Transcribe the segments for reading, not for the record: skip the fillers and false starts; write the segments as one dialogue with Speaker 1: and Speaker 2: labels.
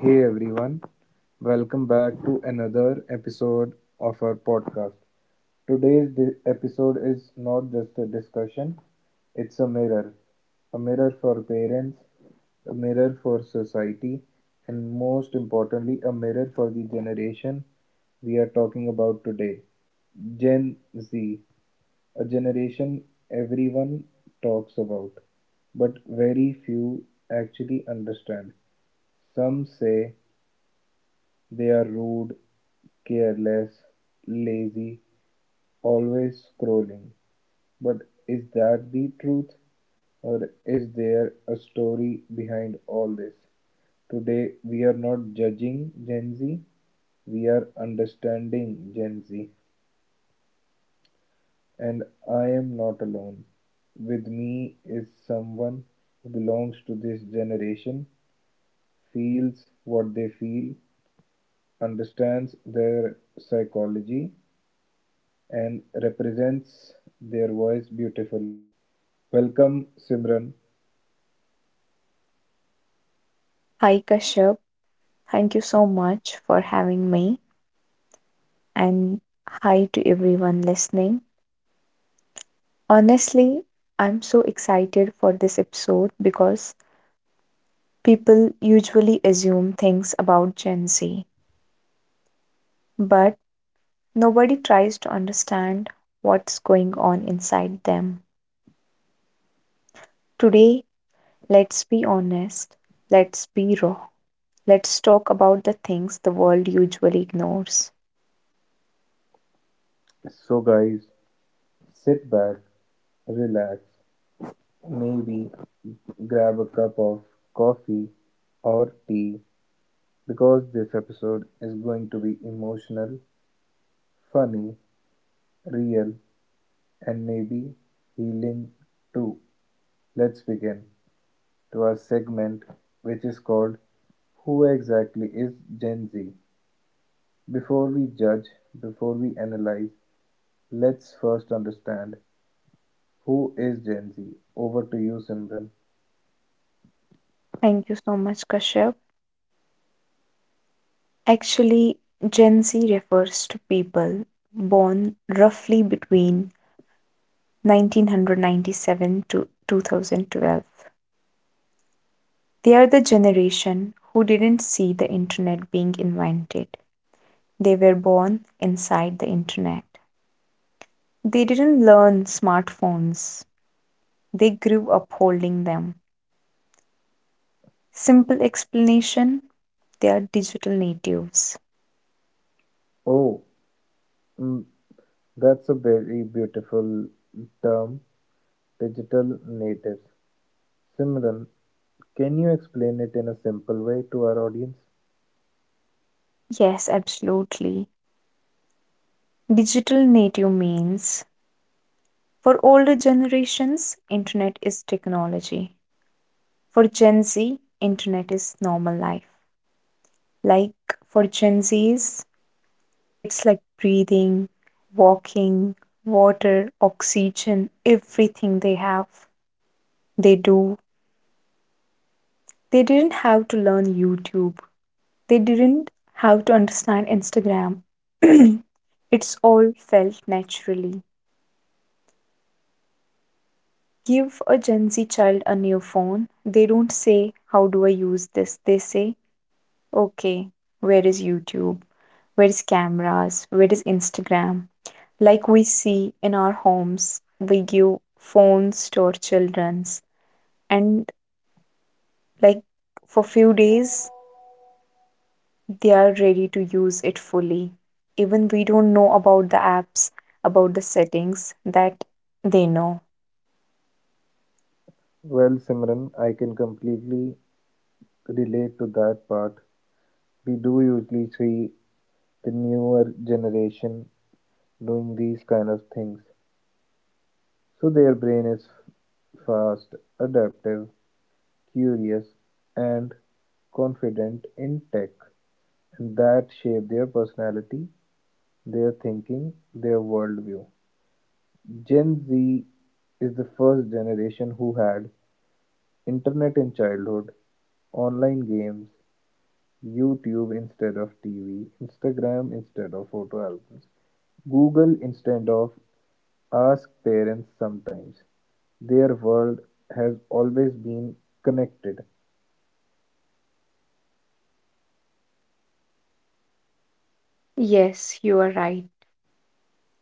Speaker 1: Hey everyone, welcome back to another episode of our podcast. Today's episode is not just a discussion, it's a mirror. A mirror for parents, a mirror for society, and most importantly, a mirror for the generation we are talking about today, Gen Z, a generation everyone talks about, but very few actually understand. Some say they are rude, careless, lazy, always scrolling. But is that the truth? Or is there a story behind all this? Today we are not judging Gen Z, we are understanding Gen Z. And I am not alone. With me is someone who belongs to this generation, feels what they feel, understands their psychology, and represents their voice beautifully. Welcome, Simran.
Speaker 2: Hi Kashyap, thank you so much for having me and hi to everyone listening. Honestly, I'm so excited for this episode because people usually assume things about Gen Z, but nobody tries to understand what's going on inside them. Today, let's be honest, let's be raw, let's talk about the things the world usually ignores.
Speaker 1: So, guys, sit back, relax, maybe grab a cup of coffee or tea because this episode is going to be emotional, funny, real, and maybe healing too. Let's begin to our segment, which is called Who Exactly is Gen Z? Before we judge, before we analyze, let's first understand who is Gen Z. Over to you, Simran.
Speaker 2: Thank you so much, Kashyap. Actually, Gen Z refers to people born roughly between 1997 to 2012. They are the generation who didn't see the internet being invented. They were born inside the internet. They didn't learn smartphones, they grew up holding them. Simple explanation, they are digital natives.
Speaker 1: Oh, mm, that's a very beautiful term, digital natives. Simran, can you explain it in a simple way to our audience?
Speaker 2: Yes, absolutely. Digital native means, for older generations, internet is technology. For Gen Z, internet is normal life. Like for Gen Zs, it's like breathing, walking, water, oxygen, everything they have, they do. They didn't have to learn YouTube. They didn't have to understand Instagram. It's all felt naturally. Give a Gen Z child a new phone. They don't say, "How do I use this?" They say, "Okay, where is YouTube? Where is cameras? Where is Instagram?" Like we see in our homes, we give phones to our childrens, and like for few days they are ready to use it fully. Even we don't know about the apps, about the settings that they know.
Speaker 1: Well, Simran, I can completely relate to that part. We do usually see the newer generation doing these kind of things. So their brain is fast, adaptive, curious, and confident in tech, and that shape their personality, their thinking, their worldview. Gen Z is the first generation who had internet in childhood, online games, YouTube instead of TV, Instagram instead of photo albums, Google instead of ask parents sometimes. Their world has always been connected.
Speaker 2: Yes, you are right.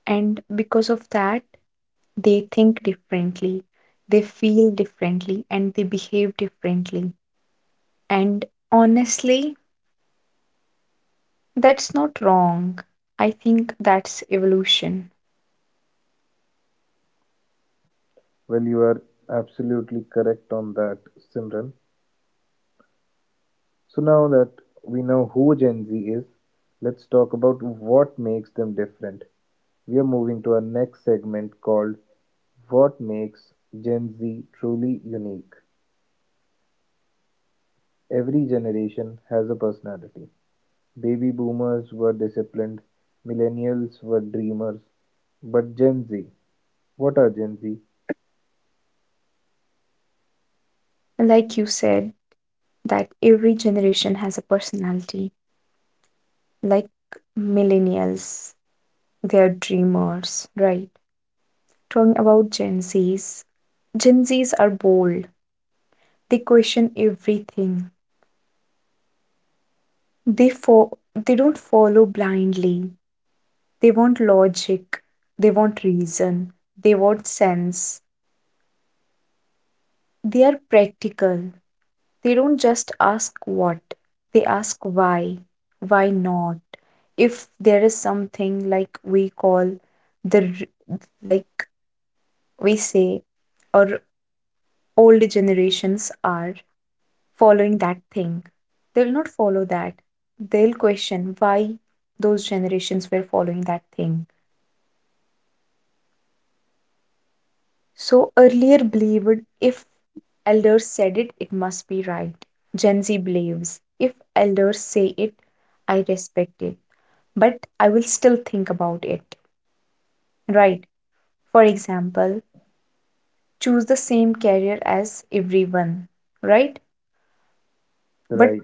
Speaker 2: And because of that, they think differently, they feel differently, and they behave differently. And honestly, that's not wrong. I think that's evolution.
Speaker 1: Well, you are absolutely correct on that, Simran. So now that we know who Gen Z is, let's talk about what makes them different. We are moving to our next segment called What Makes Gen Z Truly Unique. Every generation has a personality. Baby boomers were disciplined, millennials were dreamers, but Gen Z, what are Gen Z?
Speaker 2: Like you said, that every generation has a personality. Like millennials, they're dreamers, right? Talking about Gen Zs, Gen Zs are bold. They question everything. They don't follow blindly. They want logic. They want reason. They want sense. They are practical. They don't just ask what, they ask why not. If there is something like we call the, like we say, or old generations are following that thing, they'll not follow that. They'll question why those generations were following that thing. So earlier believed if elders said it, it must be right. Gen Z believes if elders say it, I respect it but I will still think about it, right? For example, choose the same career as everyone, right? But
Speaker 1: Right,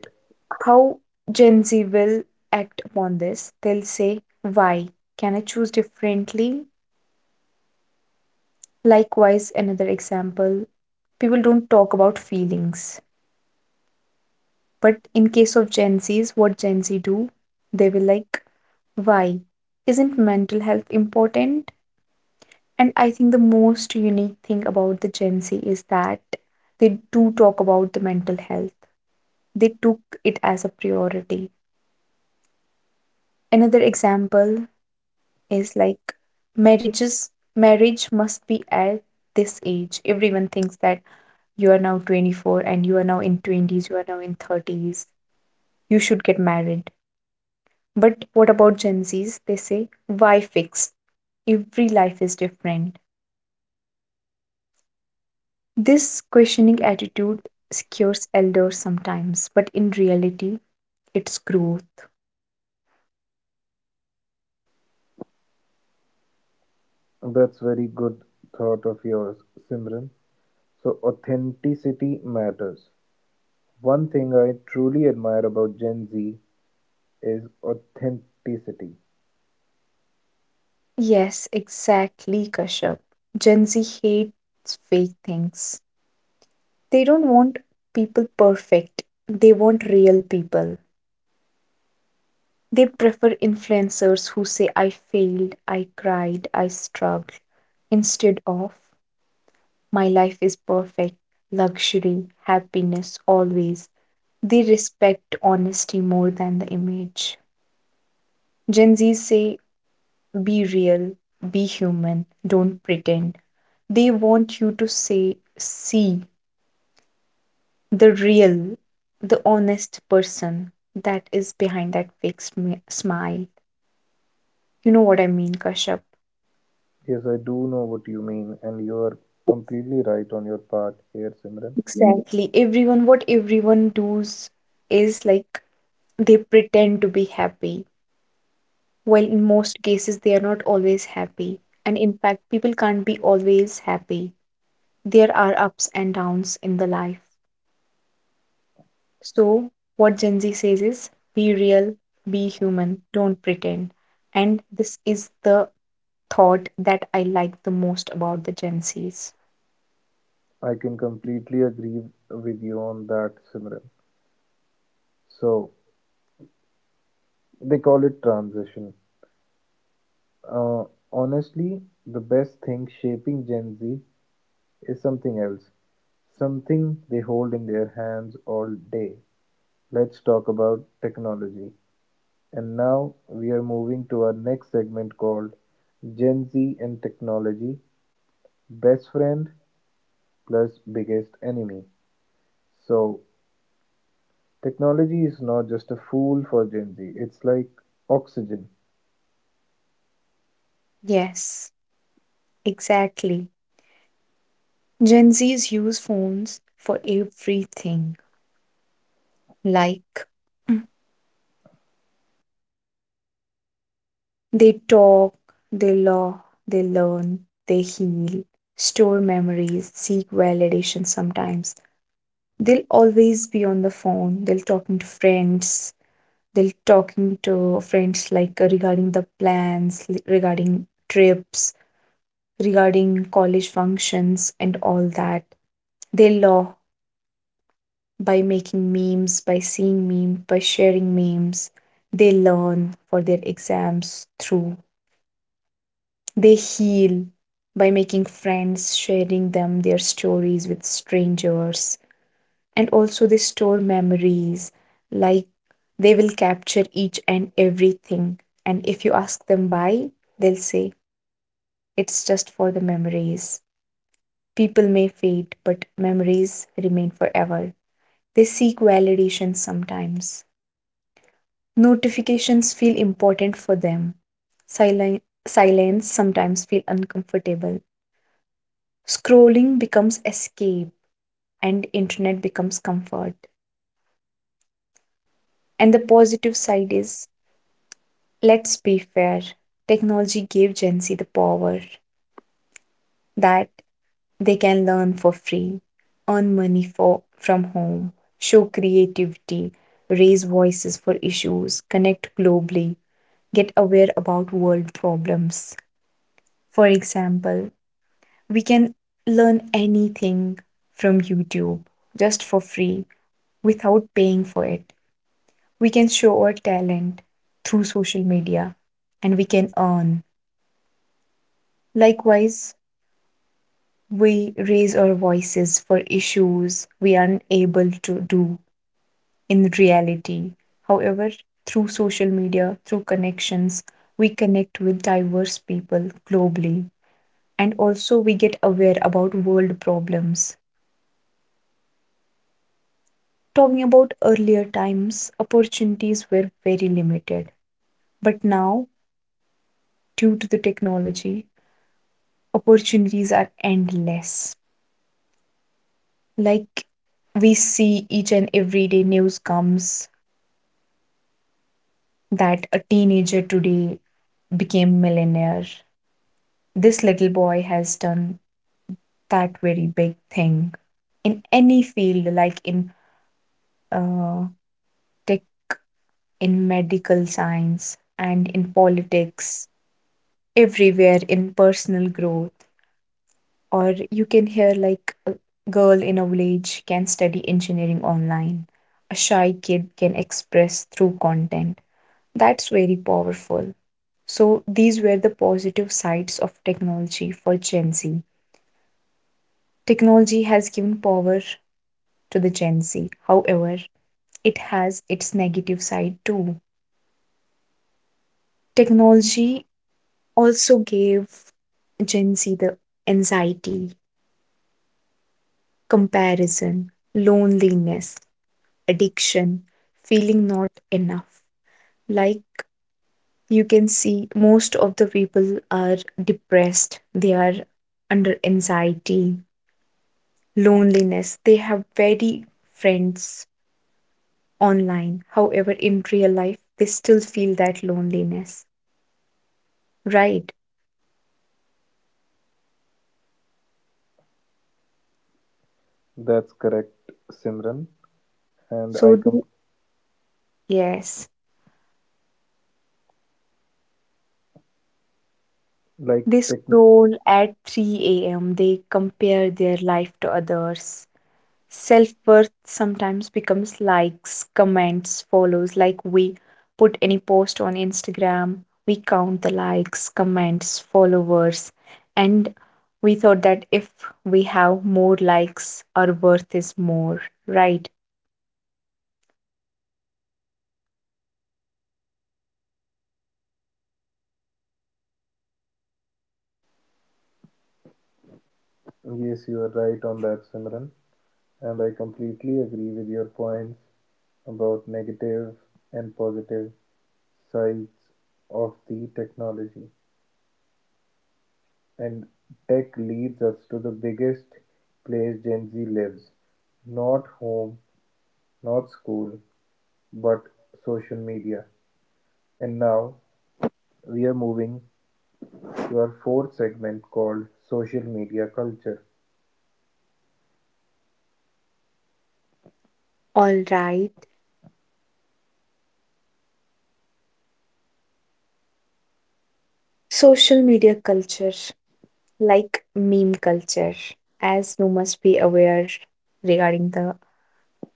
Speaker 2: how Gen Z will act upon this? They'll say, "Why? Can I choose differently?" Likewise, another example, people don't talk about feelings. But in case of Gen Zs, what Gen Z do? They will like, "Why? Isn't mental health important?" And I think the most unique thing about the Gen Z is that they do talk about the mental health. They took it as a priority. Another example is like marriages marriage must be at this age. Everyone thinks that you are now 24 and you are now in 20s, you are now in 30s. You should get married. But what about Gen Zs? They say, why fix? Every life is different. This questioning attitude scares elders sometimes, but in reality, it's growth.
Speaker 1: that's very good thought of yours, Simran. So authenticity matters. One thing I truly admire about Gen Z is authenticity.
Speaker 2: Yes, exactly, Kashyap. Gen Z hates fake things. They don't want people perfect, they want real people. They prefer influencers who say, "I failed, I cried, I struggled," instead of, "My life is perfect, luxury, happiness, always." They respect honesty more than the image. Gen Zs say, be real, be human, don't pretend. They want you to say, see the real, the honest person that is behind that fake smile. You know what I mean, Kashyap?
Speaker 1: Yes, I do know what you mean, and you are completely right on your part here, Simran.
Speaker 2: Exactly. Everyone, what everyone does is like they pretend to be happy, while in most cases they are not always happy. And in fact, people can't be always happy. There are ups and downs in the life. So, what Gen Z says is be real, be human, don't pretend. And this is the thought that I like the most about the Gen Zs.
Speaker 1: I can completely agree with you on that, Simran. So, they call it transition. Uh, honestly, the best thing shaping Gen Z is something else, something they hold in their hands all day. Let's talk about technology. And now we are moving to our next segment called Gen Z and Technology, best friend plus biggest enemy. So technology is not just a fool for Gen Z. It's like oxygen.
Speaker 2: Yes, exactly. Gen Zs use phones for everything. Like, they talk, they laugh, they learn, they heal, store memories, seek validation sometimes. They'll always be on the phone, they'll talking to friends, like regarding the plans regarding trips, regarding college functions, and all that. They law by making memes, by seeing memes, by sharing memes. They learn for their exams through, they heal by making friends, sharing them their stories with strangers, and also they store memories. Like, they will capture each and everything, and if you ask them why, they'll say it's just for the memories. People may fade, but memories remain forever. They seek validation sometimes, notifications feel important for them. Silen- Silence sometimes feel uncomfortable, scrolling becomes escape, and internet becomes comfort. And the positive side is, let's be fair. Technology gave Gen Z the power that they can learn for free, earn money from home, show creativity, raise voices for issues, connect globally, get aware about world problems. For example, we can learn anything from YouTube just for free without paying for it. We can show our talent through social media and we can earn. Likewise, we raise our voices for issues we are unable to do in reality. However, through social media, through connections, we connect with diverse people globally, and also we get aware about world problems. Talking about earlier times, opportunities were very limited, but now, due to the technology, opportunities are endless. Like, we see each and every day news comes that a teenager today became millionaire. This little boy has done that very big thing in any field, like in uh, tech, in medical science, and in politics, everywhere in personal growth. Or you can hear like a girl in a village can study engineering online. A shy kid can express through content. That's very powerful. So, these were the positive sides of technology for Gen Z. Technology has given power to the Gen Z. However, it has its negative side too. Technology also gave Gen Z the anxiety, comparison, loneliness, addiction, feeling not enough. Like, you can see, most of the people are depressed, they are under anxiety, loneliness. They have very friends online. However, in real life, they still feel that loneliness, right?
Speaker 1: That's correct, Simran. And I
Speaker 2: So,
Speaker 1: com
Speaker 2: yes,
Speaker 1: like
Speaker 2: they
Speaker 1: tech.
Speaker 2: scroll at 3 a.m., they compare their life to others. Self worth sometimes becomes likes, comments, follows. Like, we put any post on Instagram, we count the likes, comments, followers, and we thought that if we have more likes, our worth is more, right?
Speaker 1: Yes, you are right on that, Simran. And I completely agree with your points about negative and positive sides of the technology. And tech leads us to the biggest place Gen Z lives, not home, not school, but social media. And now we are moving to our fourth segment called social media culture.
Speaker 2: All right. Social media culture, like meme culture, as you must be aware regarding the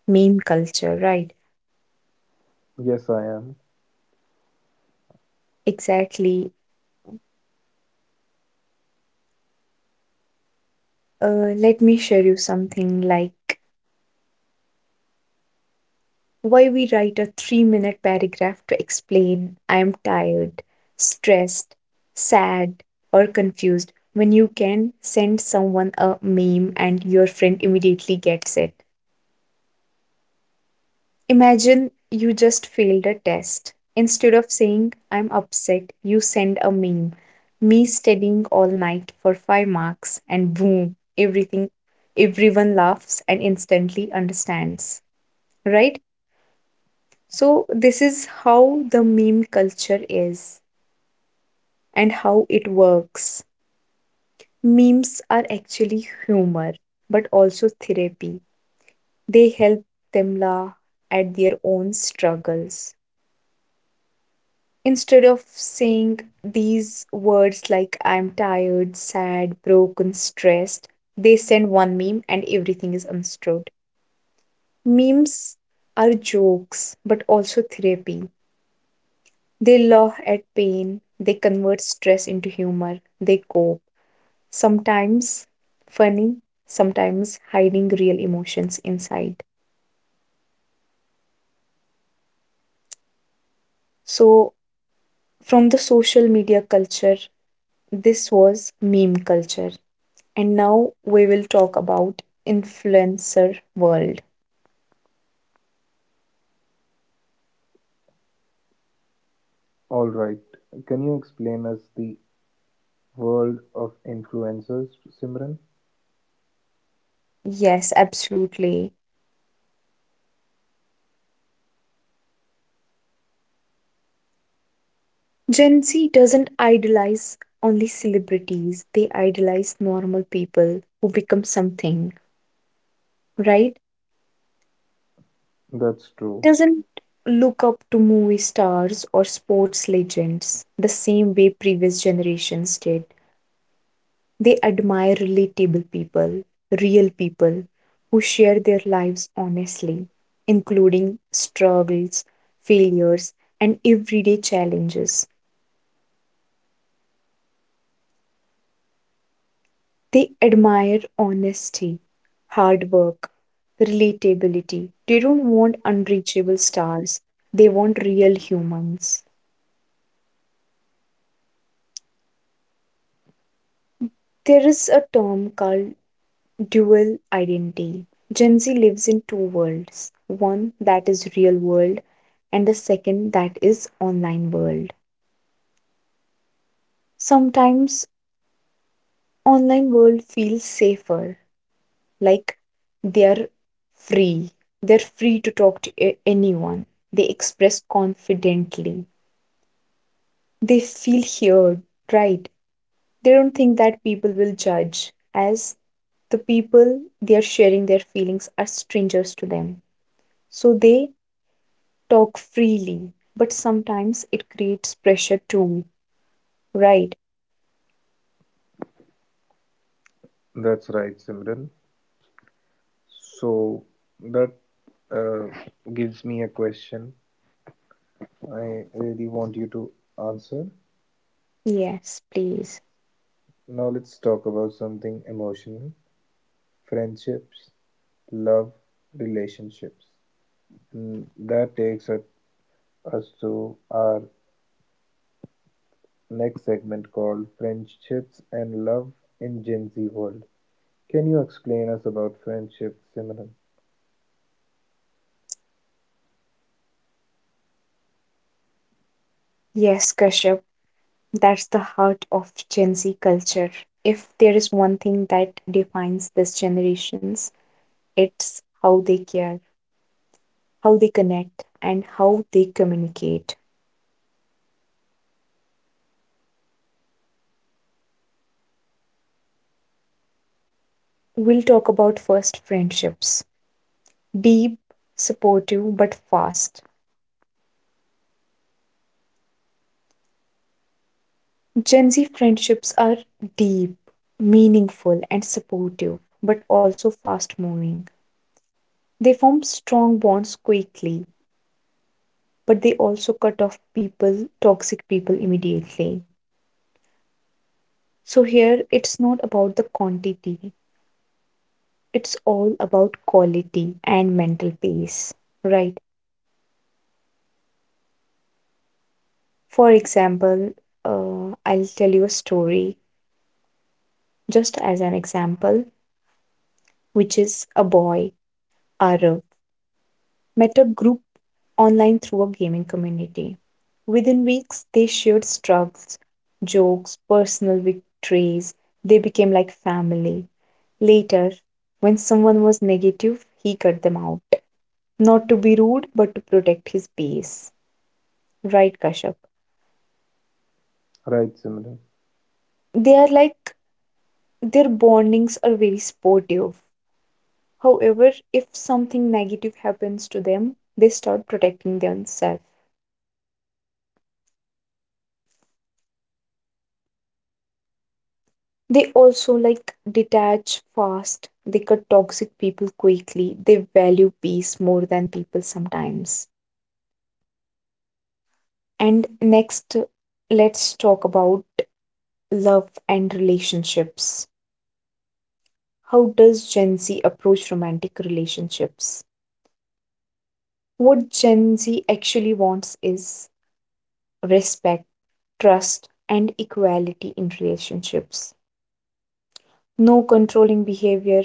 Speaker 2: meme culture, right?
Speaker 1: Yes, I am.
Speaker 2: Exactly. Let me share you something, like, why we write a 3-minute paragraph to explain I am tired, stressed, sad, or confused, when you can send someone a meme and your friend immediately gets it. Imagine you just failed a test. Instead of saying I'm upset, you send a meme, "me studying all night for five marks," and boom, everything, everyone laughs and instantly understands, right? So, this is how the meme culture is and how it works. Memes are actually humor, but also therapy. They help them laugh at their own struggles. Instead of saying these words like I'm tired, sad, broken, stressed, they send one meme and everything is understood. Memes are jokes, but also therapy. They laugh at pain, they convert stress into humor, they cope. Sometimes funny, sometimes hiding real emotions inside. So, from the social media culture, this was meme culture. And now we will talk about influencer world.
Speaker 1: All right. Can you explain us the world of influencers, Simran?
Speaker 2: Yes, absolutely. Gen Z doesn't idolize only celebrities, they idolize normal people who become something, right?
Speaker 1: That's true.
Speaker 2: Doesn't look up to movie stars or sports legends the same way previous generations did. They admire relatable people, real people who share their lives honestly, including struggles, failures, and everyday challenges. They admire honesty, hard work, relatability. They don't want unreachable stars, they want real humans. There is a term called dual identity. Gen Z lives in two worlds, one that is real world and the second that is online world. Sometimes online world feels safer, like they are free. They're free to talk to anyone. They express confidently. They feel heard, right? They don't think that people will judge as the people they are sharing their feelings are strangers to them. So they talk freely, but sometimes it creates pressure too, right?
Speaker 1: That's right, Simran. So that uh, gives me a question I really want you to answer.
Speaker 2: Yes, please.
Speaker 1: Now let's talk about something emotional, friendships, love, relationships. Mm, that takes us to our next segment called Friendships and Love in Gen Z World. Can you explain us about friendships, Simran?
Speaker 2: Yes, Kashyap, that's the heart of Gen Z culture. If there is one thing that defines this generations, it's how they care, how they connect, and how they communicate. We'll talk about first friendships, deep, supportive, but fast. Gen Z friendships are deep, meaningful, and supportive, but also fast moving. They form strong bonds quickly, but they also cut off people, toxic people immediately. So here it's not about the quantity, it's all about quality and mental peace, right? For example, I'll tell you a story just as an example, which is a boy, Arav. Met a group online through a gaming community. Within weeks, they shared struggles, jokes, personal victories. They became like family. Later, when someone was negative, he cut them out. Not to be rude, but to protect his peace. Right, Kashyap?
Speaker 1: Right, Simran.
Speaker 2: They are their bondings are very sportive. However, if something negative happens to them, they start protecting themselves. They also like detach fast. They cut toxic people quickly. They value peace more than people sometimes. And next, let's talk about love and relationships. How does Gen Z approach romantic relationships? What Gen Z actually wants is respect, trust, and equality in relationships. No controlling behavior,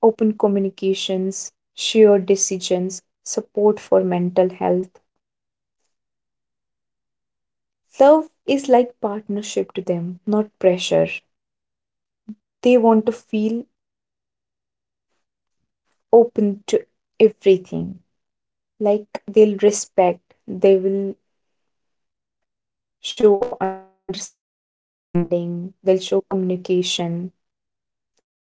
Speaker 2: open communications, shared decisions, support for mental health. Love is like partnership to them, not pressure. They want to feel open to everything. Like they'll respect, they will show understanding, they'll show communication.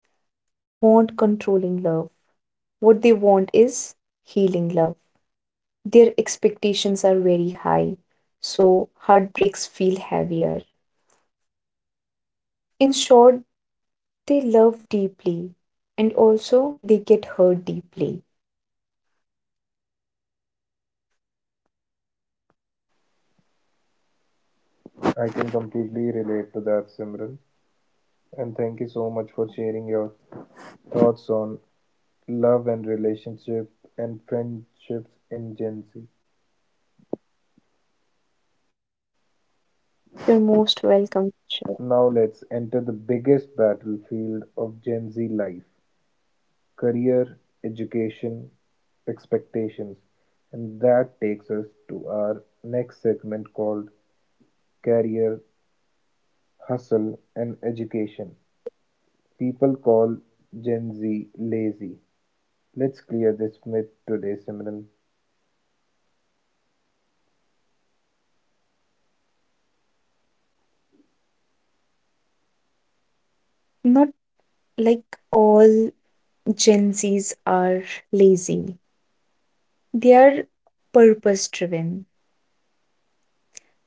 Speaker 2: They don't want controlling love. What they want is healing love. Their expectations are very high, so heartbreaks feel heavier. In short, they love deeply and also they get hurt deeply.
Speaker 1: I can completely relate to that, Simran. And thank you so much for sharing your thoughts on love and relationship and friendships in Gen Z.
Speaker 2: You're most welcome, Shiv.
Speaker 1: Now let's enter the biggest battlefield of Gen Z life, career, education, expectations, and that takes us to our next segment called career, hustle, and education. People call Gen Z lazy. Let's clear this myth today, Simran.
Speaker 2: Not like all Gen Zs are lazy. They are purpose driven.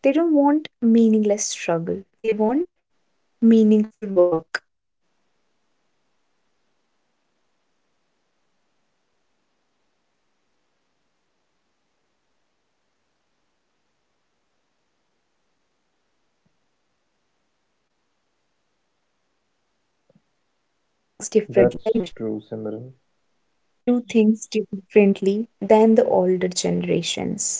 Speaker 2: They don't want meaningless struggle. They want meaningful work. What they do is they do things differently. They are extremely ambitious, but
Speaker 1: That's true, Simran.
Speaker 2: do things differently than the older generations.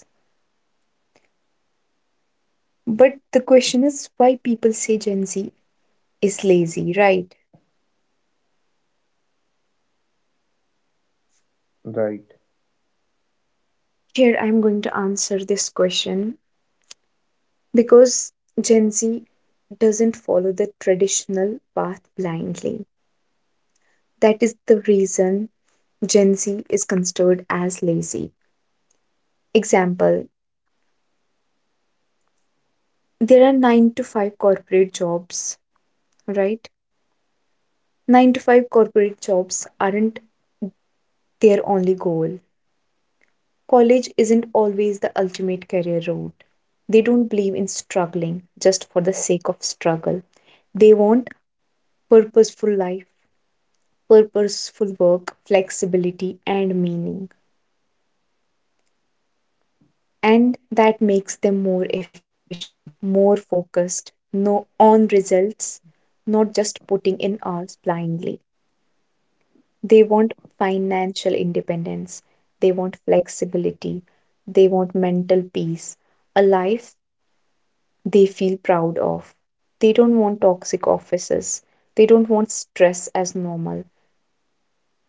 Speaker 2: But the question is why people say Gen Z is lazy, right?
Speaker 1: Right.
Speaker 2: Here I'm going to answer this question because Gen Z doesn't follow the traditional path blindly. That is the reason Gen Z is considered as lazy. Example, there are 9 to 5 corporate jobs, right? 9 to 5 corporate jobs aren't their only goal. College isn't always the ultimate career route. They don't believe in struggling just for the sake of struggle. They want purposeful life, purposeful work, flexibility, and meaning. And that makes them more efficient, more focused, no on results, not just putting in hours blindly. They want financial independence, they want flexibility, they want mental peace, a life they feel proud of. They don't want toxic offices. They don't want stress as normal.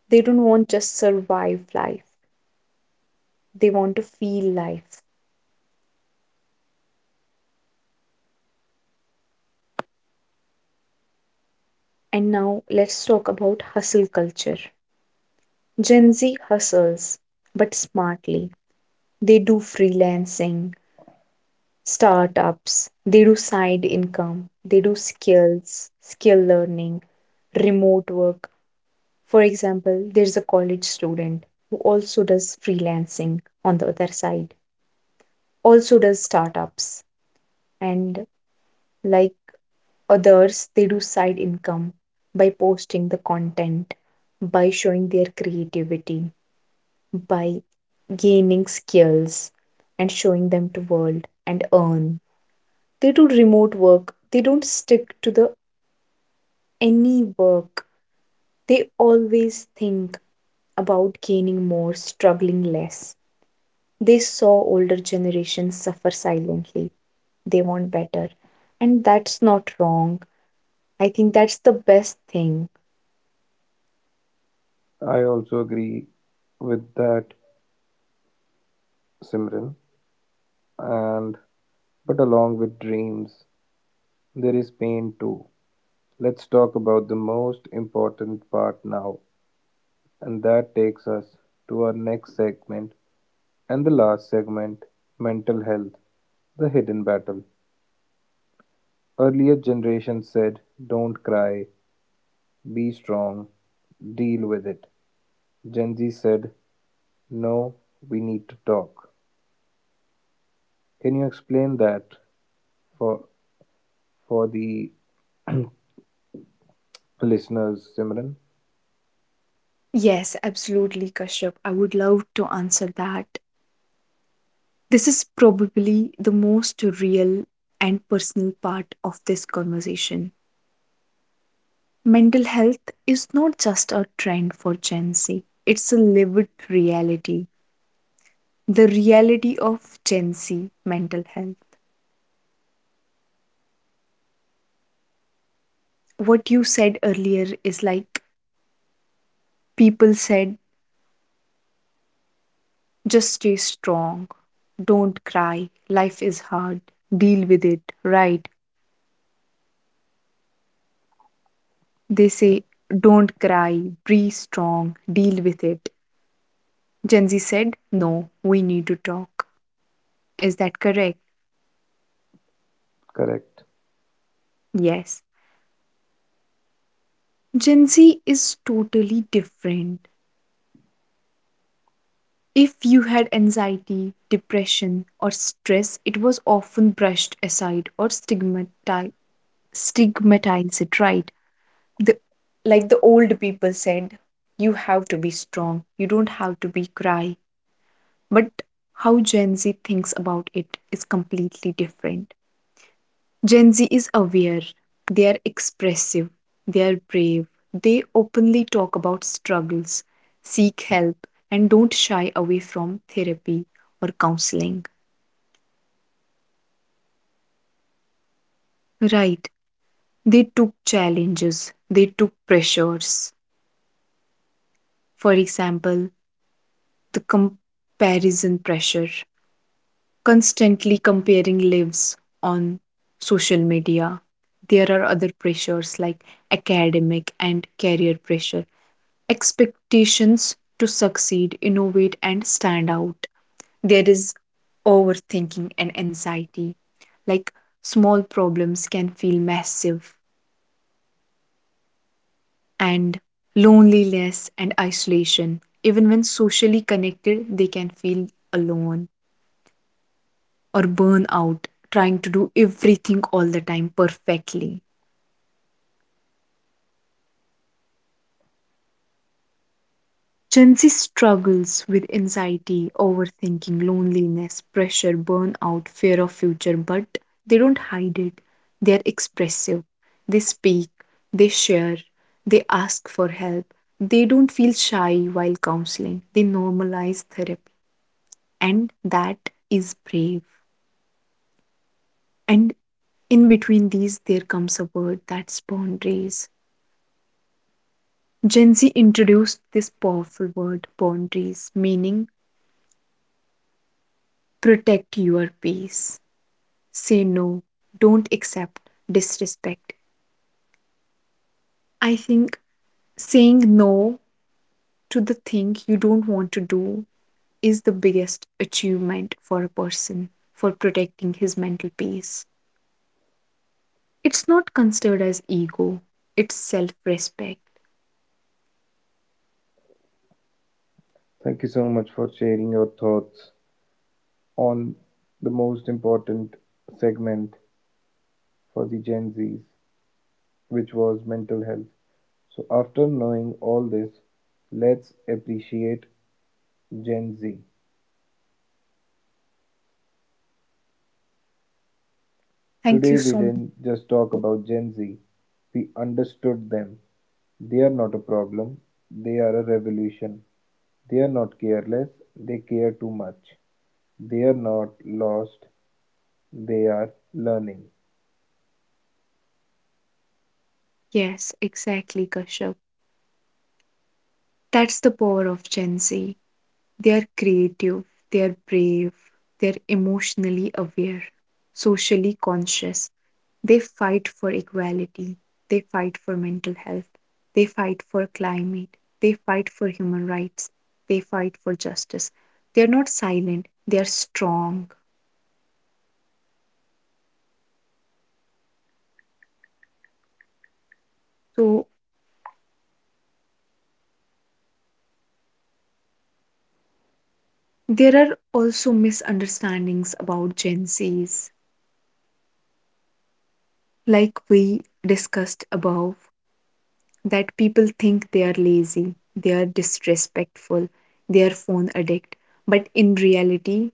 Speaker 2: They don't want just survive life. They want to feel life. And now let's talk about hustle culture. Gen Z hustles, but smartly. They do freelancing, startups, they do side income, they do skill learning, remote work. For example, there's a college student who also does freelancing on the other side, also does startups, and like others, they do side income by posting the content, by showing their creativity, by gaining skills and showing them to world and earn. They do remote work. They don't stick to the any work. They always think about gaining more, struggling less. They saw older generations suffer silently. They want better. And that's not wrong. I think that's the best thing.
Speaker 1: I also agree with that, Simran. And but along with dreams, there is pain too. Let's talk about the most important part now. And that takes us to our next segment and the last segment, mental health, the hidden battle. Earlier generations said, don't cry, be strong, deal with it. Gen Z said, no, we need to talk. Can you explain that for, for the listeners, Simran?
Speaker 2: Yes, absolutely, Kashyap. I would love to answer that. This is probably the most real and personal part of this conversation. Mental health is not just a trend for Gen Z, it's a lived reality. The reality of Gen Z mental health. What you said earlier is like people said, just stay strong. Don't cry. Life is hard. Deal with it. Right. They say, don't cry. Be strong. Deal with it. Gen Z said, no, we need to talk. Is that correct?
Speaker 1: Correct.
Speaker 2: Yes. Gen Z is totally different. If you had anxiety, depression, or stress, it was often brushed aside or stigmatized. Stigmatize it, right? the Like the old people said, you have to be strong, you don't have to be cry, but how Gen Z thinks about it is completely different. Gen Z is aware, they are expressive, they are brave, they openly talk about struggles, seek help and don't shy away from therapy or counseling, right? They took challenges, they took pressures. For example, the comparison pressure, constantly comparing lives on social media. There are other pressures like academic and career pressure, expectations to succeed, innovate, and stand out. There is overthinking and anxiety, like small problems can feel massive, and loneliness and isolation. Even when socially connected, they can feel alone, or burn out trying to do everything all the time perfectly. Gen Z struggles with anxiety, overthinking, loneliness, pressure, burnout, fear of future, but they don't hide it. They are expressive. They speak, they share, they ask for help. They don't feel shy while counseling. They normalize therapy. And that is brave. And in between these, there comes a word, that's boundaries. Gen Z introduced this powerful word boundaries, meaning protect your peace, say no, don't accept disrespect. I think saying no to the thing you don't want to do is the biggest achievement for a person for protecting his mental peace. It's not considered as ego, it's self respect.
Speaker 1: Thank you so much for sharing your thoughts on the most important segment for the Gen Zs which was mental health. So, after knowing all this, let's appreciate Gen Z.
Speaker 2: Thank you
Speaker 1: Today, we
Speaker 2: so much.
Speaker 1: didn't just talk about Gen Z, we understood them. They are not a problem, they are a revolution. They are not careless, they care too much. They are not lost, they are learning.
Speaker 2: Yes, exactly, Kashyap. That's the power of Gen Z. They are creative, they are brave, they are emotionally aware, socially conscious. They fight for equality, they fight for mental health, they fight for climate, they fight for human rights, they fight for justice. They are not silent, they are strong. So, there are also misunderstandings about Gen Zs, like we discussed above, that people think they are lazy, they are disrespectful, they are phone addict, but in reality,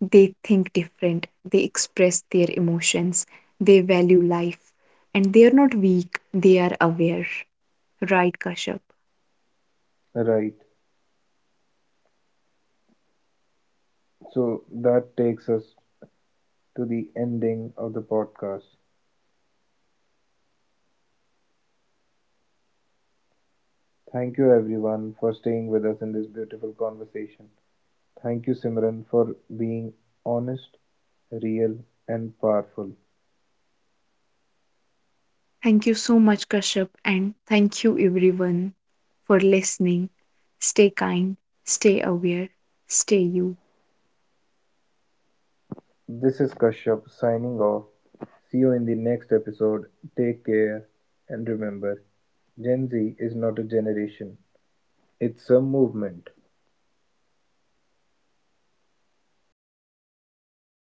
Speaker 2: they think different, they express their emotions, they value life, and they are not weak, they are aware. Right, Kashyap?
Speaker 1: Right. So that takes us to the ending of the podcast. Thank you everyone for staying with us in this beautiful conversation. Thank you, Simran, for being honest, real, and powerful.
Speaker 2: Thank you so much, Kashyap, and thank you everyone for listening. Stay kind, stay aware, stay you.
Speaker 1: This is Kashyap signing off. See you in the next episode. Take care and remember Gen Z is not a generation, it's a movement.